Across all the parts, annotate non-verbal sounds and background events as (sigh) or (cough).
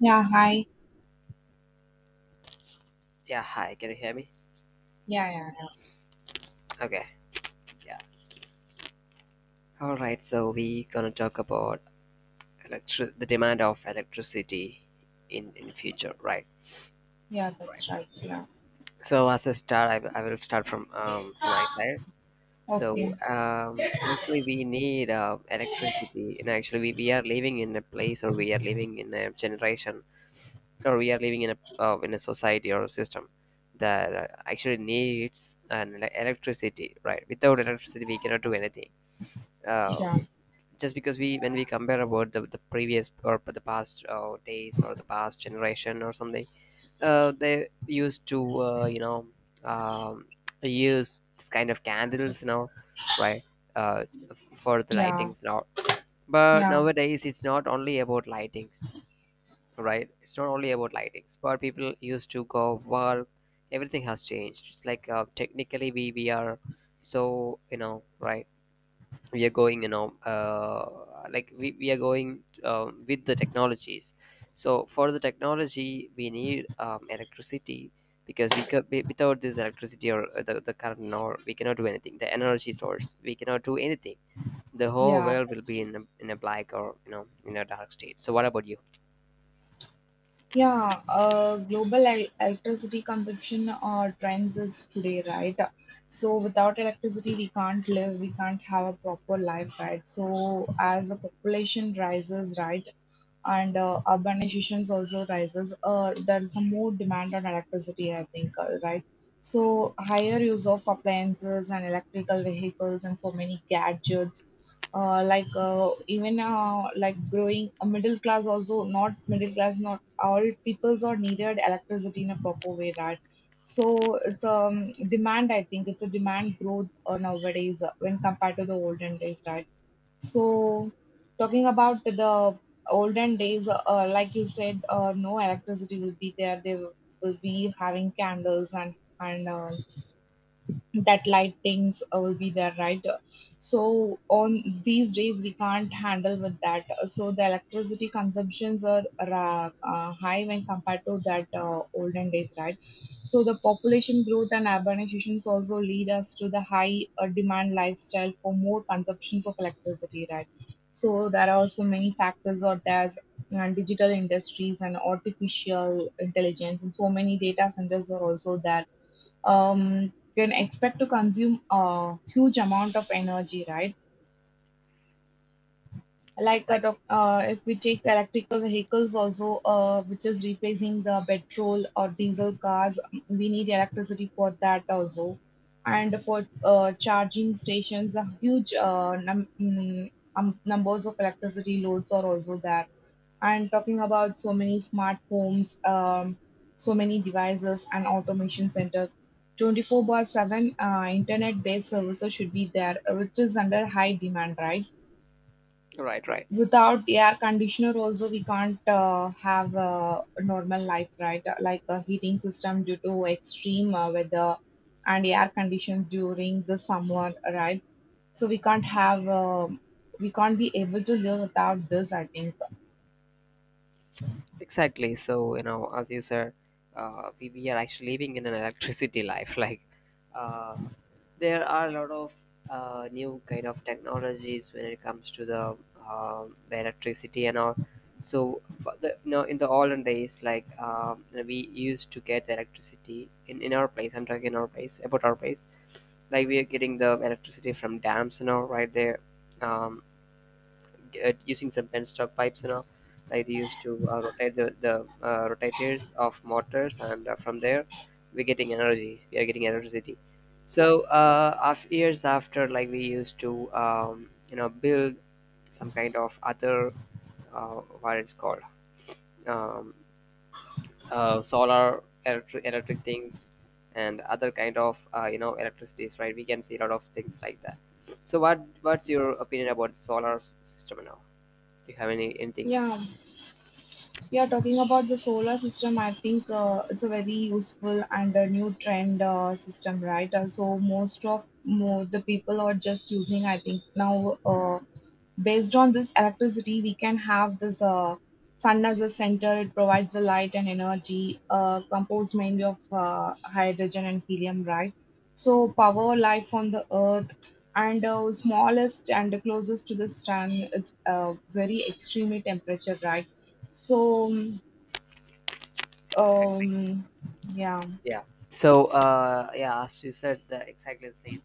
Yeah, hi. Yeah, hi. Can you hear me? Yeah, yeah, yeah. Okay. Yeah. All right. So we gonna talk about electric the demand of electricity in future, right? Yeah, Right. that's right. Yeah. So as a start, I will start from my side. So Okay. Actually we need electricity, and actually we are living in a place, or we are living in a generation, or we are living in a society or a system that actually needs electricity, right? Without electricity, we cannot do anything, uh, Yeah, just because we when we compare about the previous or the past days or the past generation or something. They used to um, use this kind of candles and all, right, uh, for the yeah, lightings and all. But yeah, nowadays it's not only about lightings, right. It's not only about lightings, but people used to go work. Everything has changed. It's like, technically we are, so you know, right, we are going, you know, like we are going with the technologies. So for the technology we need electricity, because without this electricity or the current, or we cannot do anything, the energy source, we cannot do anything. The whole yeah. world will That's be in in a black, or you know, in a dark state. So what about you? Yeah, global electricity consumption or trends is today, right? So without electricity, we can't live, we can't have a proper life, right? So as the population rises, right, and urbanization also rises, there is some more demand on electricity, I think, right? So higher use of appliances and electrical vehicles and so many gadgets like growing a middle class, also not middle class, not all peoples are needed electricity in a proper way, right? So it's demand, I think it's a demand growth nowadays when compared to the olden days, right? So talking about the olden days, like you said, no electricity will be there, they will be having candles and and uh, that light things will be there, right? So on these days we can't handle with that, so the electricity consumptions are high when compared to that olden days, right? So the population growth and urbanizations also lead us to the high demand lifestyle for more consumptions of electricity, right? So there are also many factors, or there's digital industries and artificial intelligence, and so many data centers are also there. Can expect to consume a huge amount of energy, right? Like Exactly. If we take electrical vehicles also, which is replacing the petrol or diesel cars, we need electricity for that also. And for charging stations, a huge numbers of electricity loads are also there. And talking about so many smart homes, so many devices and automation centers. 24 by 7 internet based services should be there, which is under high demand, right? Right, right. Without air conditioner, also, we can't have a normal life, right? Like a heating system due to extreme weather, and air condition during the summer, right? So, we can't have, we can't be able to live without this, I think. Exactly. So, you know, as you said, we are actually living in an electricity life. (laughs) Like, uh, there are a lot of new kind of technologies when it comes to the electricity and all. So, but the, you know, in the olden days, like we used to get electricity in our place. I'm talking in our place about our place. Like we are getting the electricity from dams and all, right there. Um, Using some penstock pipes and all. Like they used to rotate the rotators of motors, and from there we're getting energy. We are getting electricity. So af years after, like we used to you know, build some kind of other, uh, what it's called, um, solar electric things and other kind of, you know, electricities, right? We can see a lot of things like that. So what's your opinion about system now? Do you have anything? Yeah. Yeah, talking about the solar system, I think it's a very useful and a new trend system, right? So most of more the people are just using, I think now, based on this electricity, we can have this sun as a center. It provides the light and energy, composed mainly of hydrogen and helium, right? So power life on the earth, and smallest and closest to the sun. It's very extreme temperature, right? So, Exactly. um, yeah, Yeah. So yeah, as you said, the exactly the same.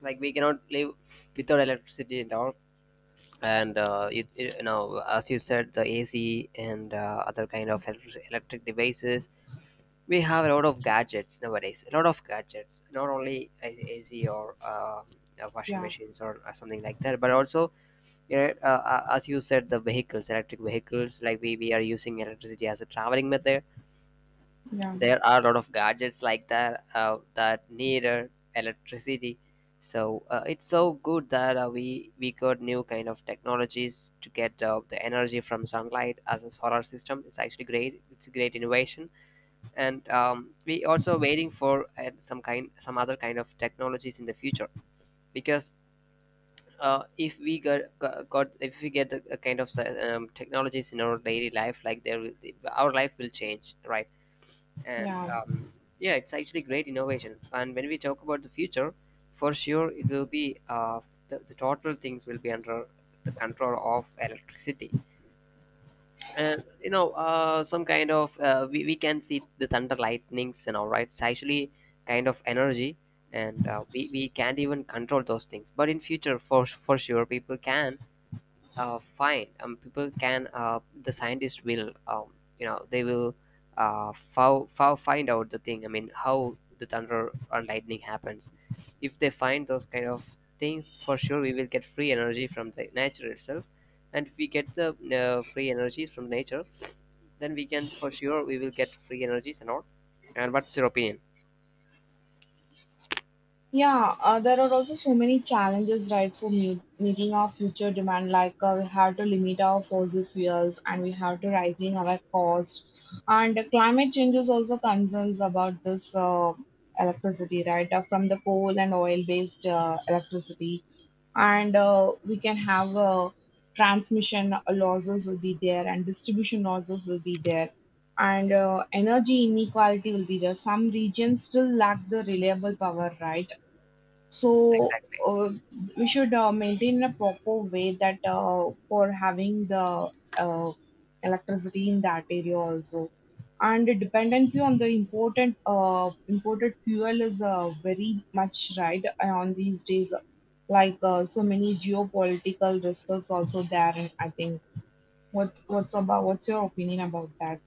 Like we cannot live without electricity and all. And you know, as you said, the AC and other kind of electric devices, we have a lot of gadgets nowadays, a lot of gadgets, not only AC or washing yeah, machines, or something like that, but also, you know, as you said, the vehicles, electric vehicles, like we are using electricity as a traveling method. yeah, There are a lot of gadgets like that, that needed electricity. So it's so good that we got new kind of technologies to get the energy from sunlight as a solar system. It's actually great. It's a great innovation. And we also waiting for some kind, some other kind of technologies in the future. Because if we got if we get the kind of technologies in our daily life, like our life will change, right? And yeah, yeah, it's actually great innovation. And when we talk about the future, for sure it will be, the total things will be under the control of electricity. And you know, some kind of, we can see the thunder lightnings and all, right? It's actually kind of energy. And we can't even control those things. But in future, for sure, people can fine people can the scientists will you know, they will find out the thing. I mean how the thunder or lightning happens. If they find those kind of things, for sure we will get free energy from the nature itself. And if we get the free energies from nature, then we can, for sure we will get free energies and all. And what's your opinion? yeah. There are also so many challenges, right, for meeting our future demand. Like we have to limit our fossil fuels, and we have to rising our cost. And climate change is also concerns about this electricity, right, from the coal and oil-based electricity. And we can have transmission losses will be there, and distribution losses will be there. And energy inequality will be there, some regions still lack the reliable power, right? So Exactly. uh, we should maintain a proper way that for having the uh, electricity in that area also. And the dependency on the important imported fuel is very much right on these days. Like so many geopolitical risks also there. And I think what's your opinion about that?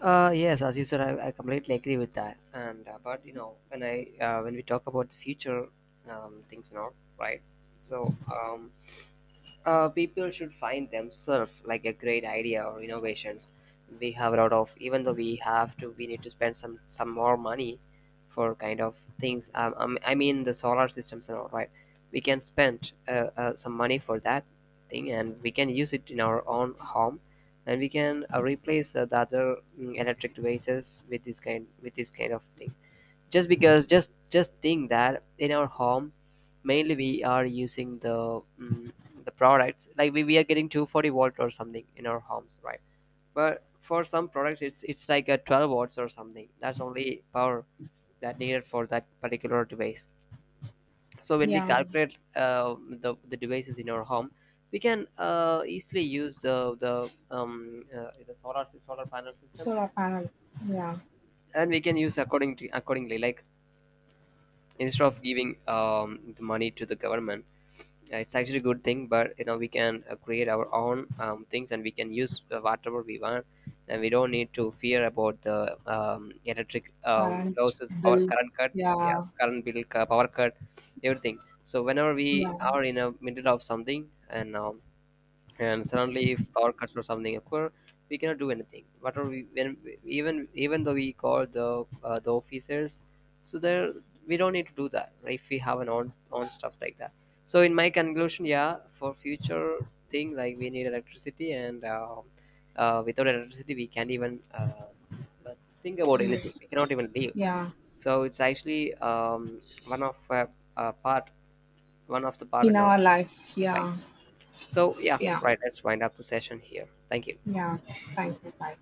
Yes, as you said, I completely agree with that. And but you know, when I when we talk about the future, things and all, right? So people should find themselves like a great idea or innovations. We have a lot of, even though we have to, we need to spend some more money for kind of things, I mean the solar systems and all, right? We can spend some money for that thing, and we can use it in our own home. And we can replace the other, electric devices with this kind, with this kind of thing. Just because, just think that in our home, mainly we are using the, mm the products, like we are getting 240 volt or something in our homes, right? But for some products, it's like a 12 watts or something, that's only power that needed for that particular device. So when we Yeah, calculate the devices in our home, we can easily use the system. solar panel. Yeah, And we can use accordingly, like instead of giving the money to the government. Yeah, it's actually a good thing, but you know, we can create our own things, and we can use whatever we want, and we don't need to fear about the electric current losses, power, bill. current cut, Yeah, yeah, current bill, power cut, everything. So whenever we yeah. are in a middle of something, and um, and suddenly if power cuts or something occur, we cannot do anything. What are we when, even though we call the officers, so there we don't need to do that, right? If we have an on stuffs like that. So in my conclusion, yeah, for future thing, like we need electricity. And without electricity we can't even uh, think about Yeah. anything. We cannot even live. Yeah, So it's actually one of part one of the part in in our our life. life. Yeah, So, yeah, yeah, right, let's wind up the session here. Thank you. yeah. Thank you, bye.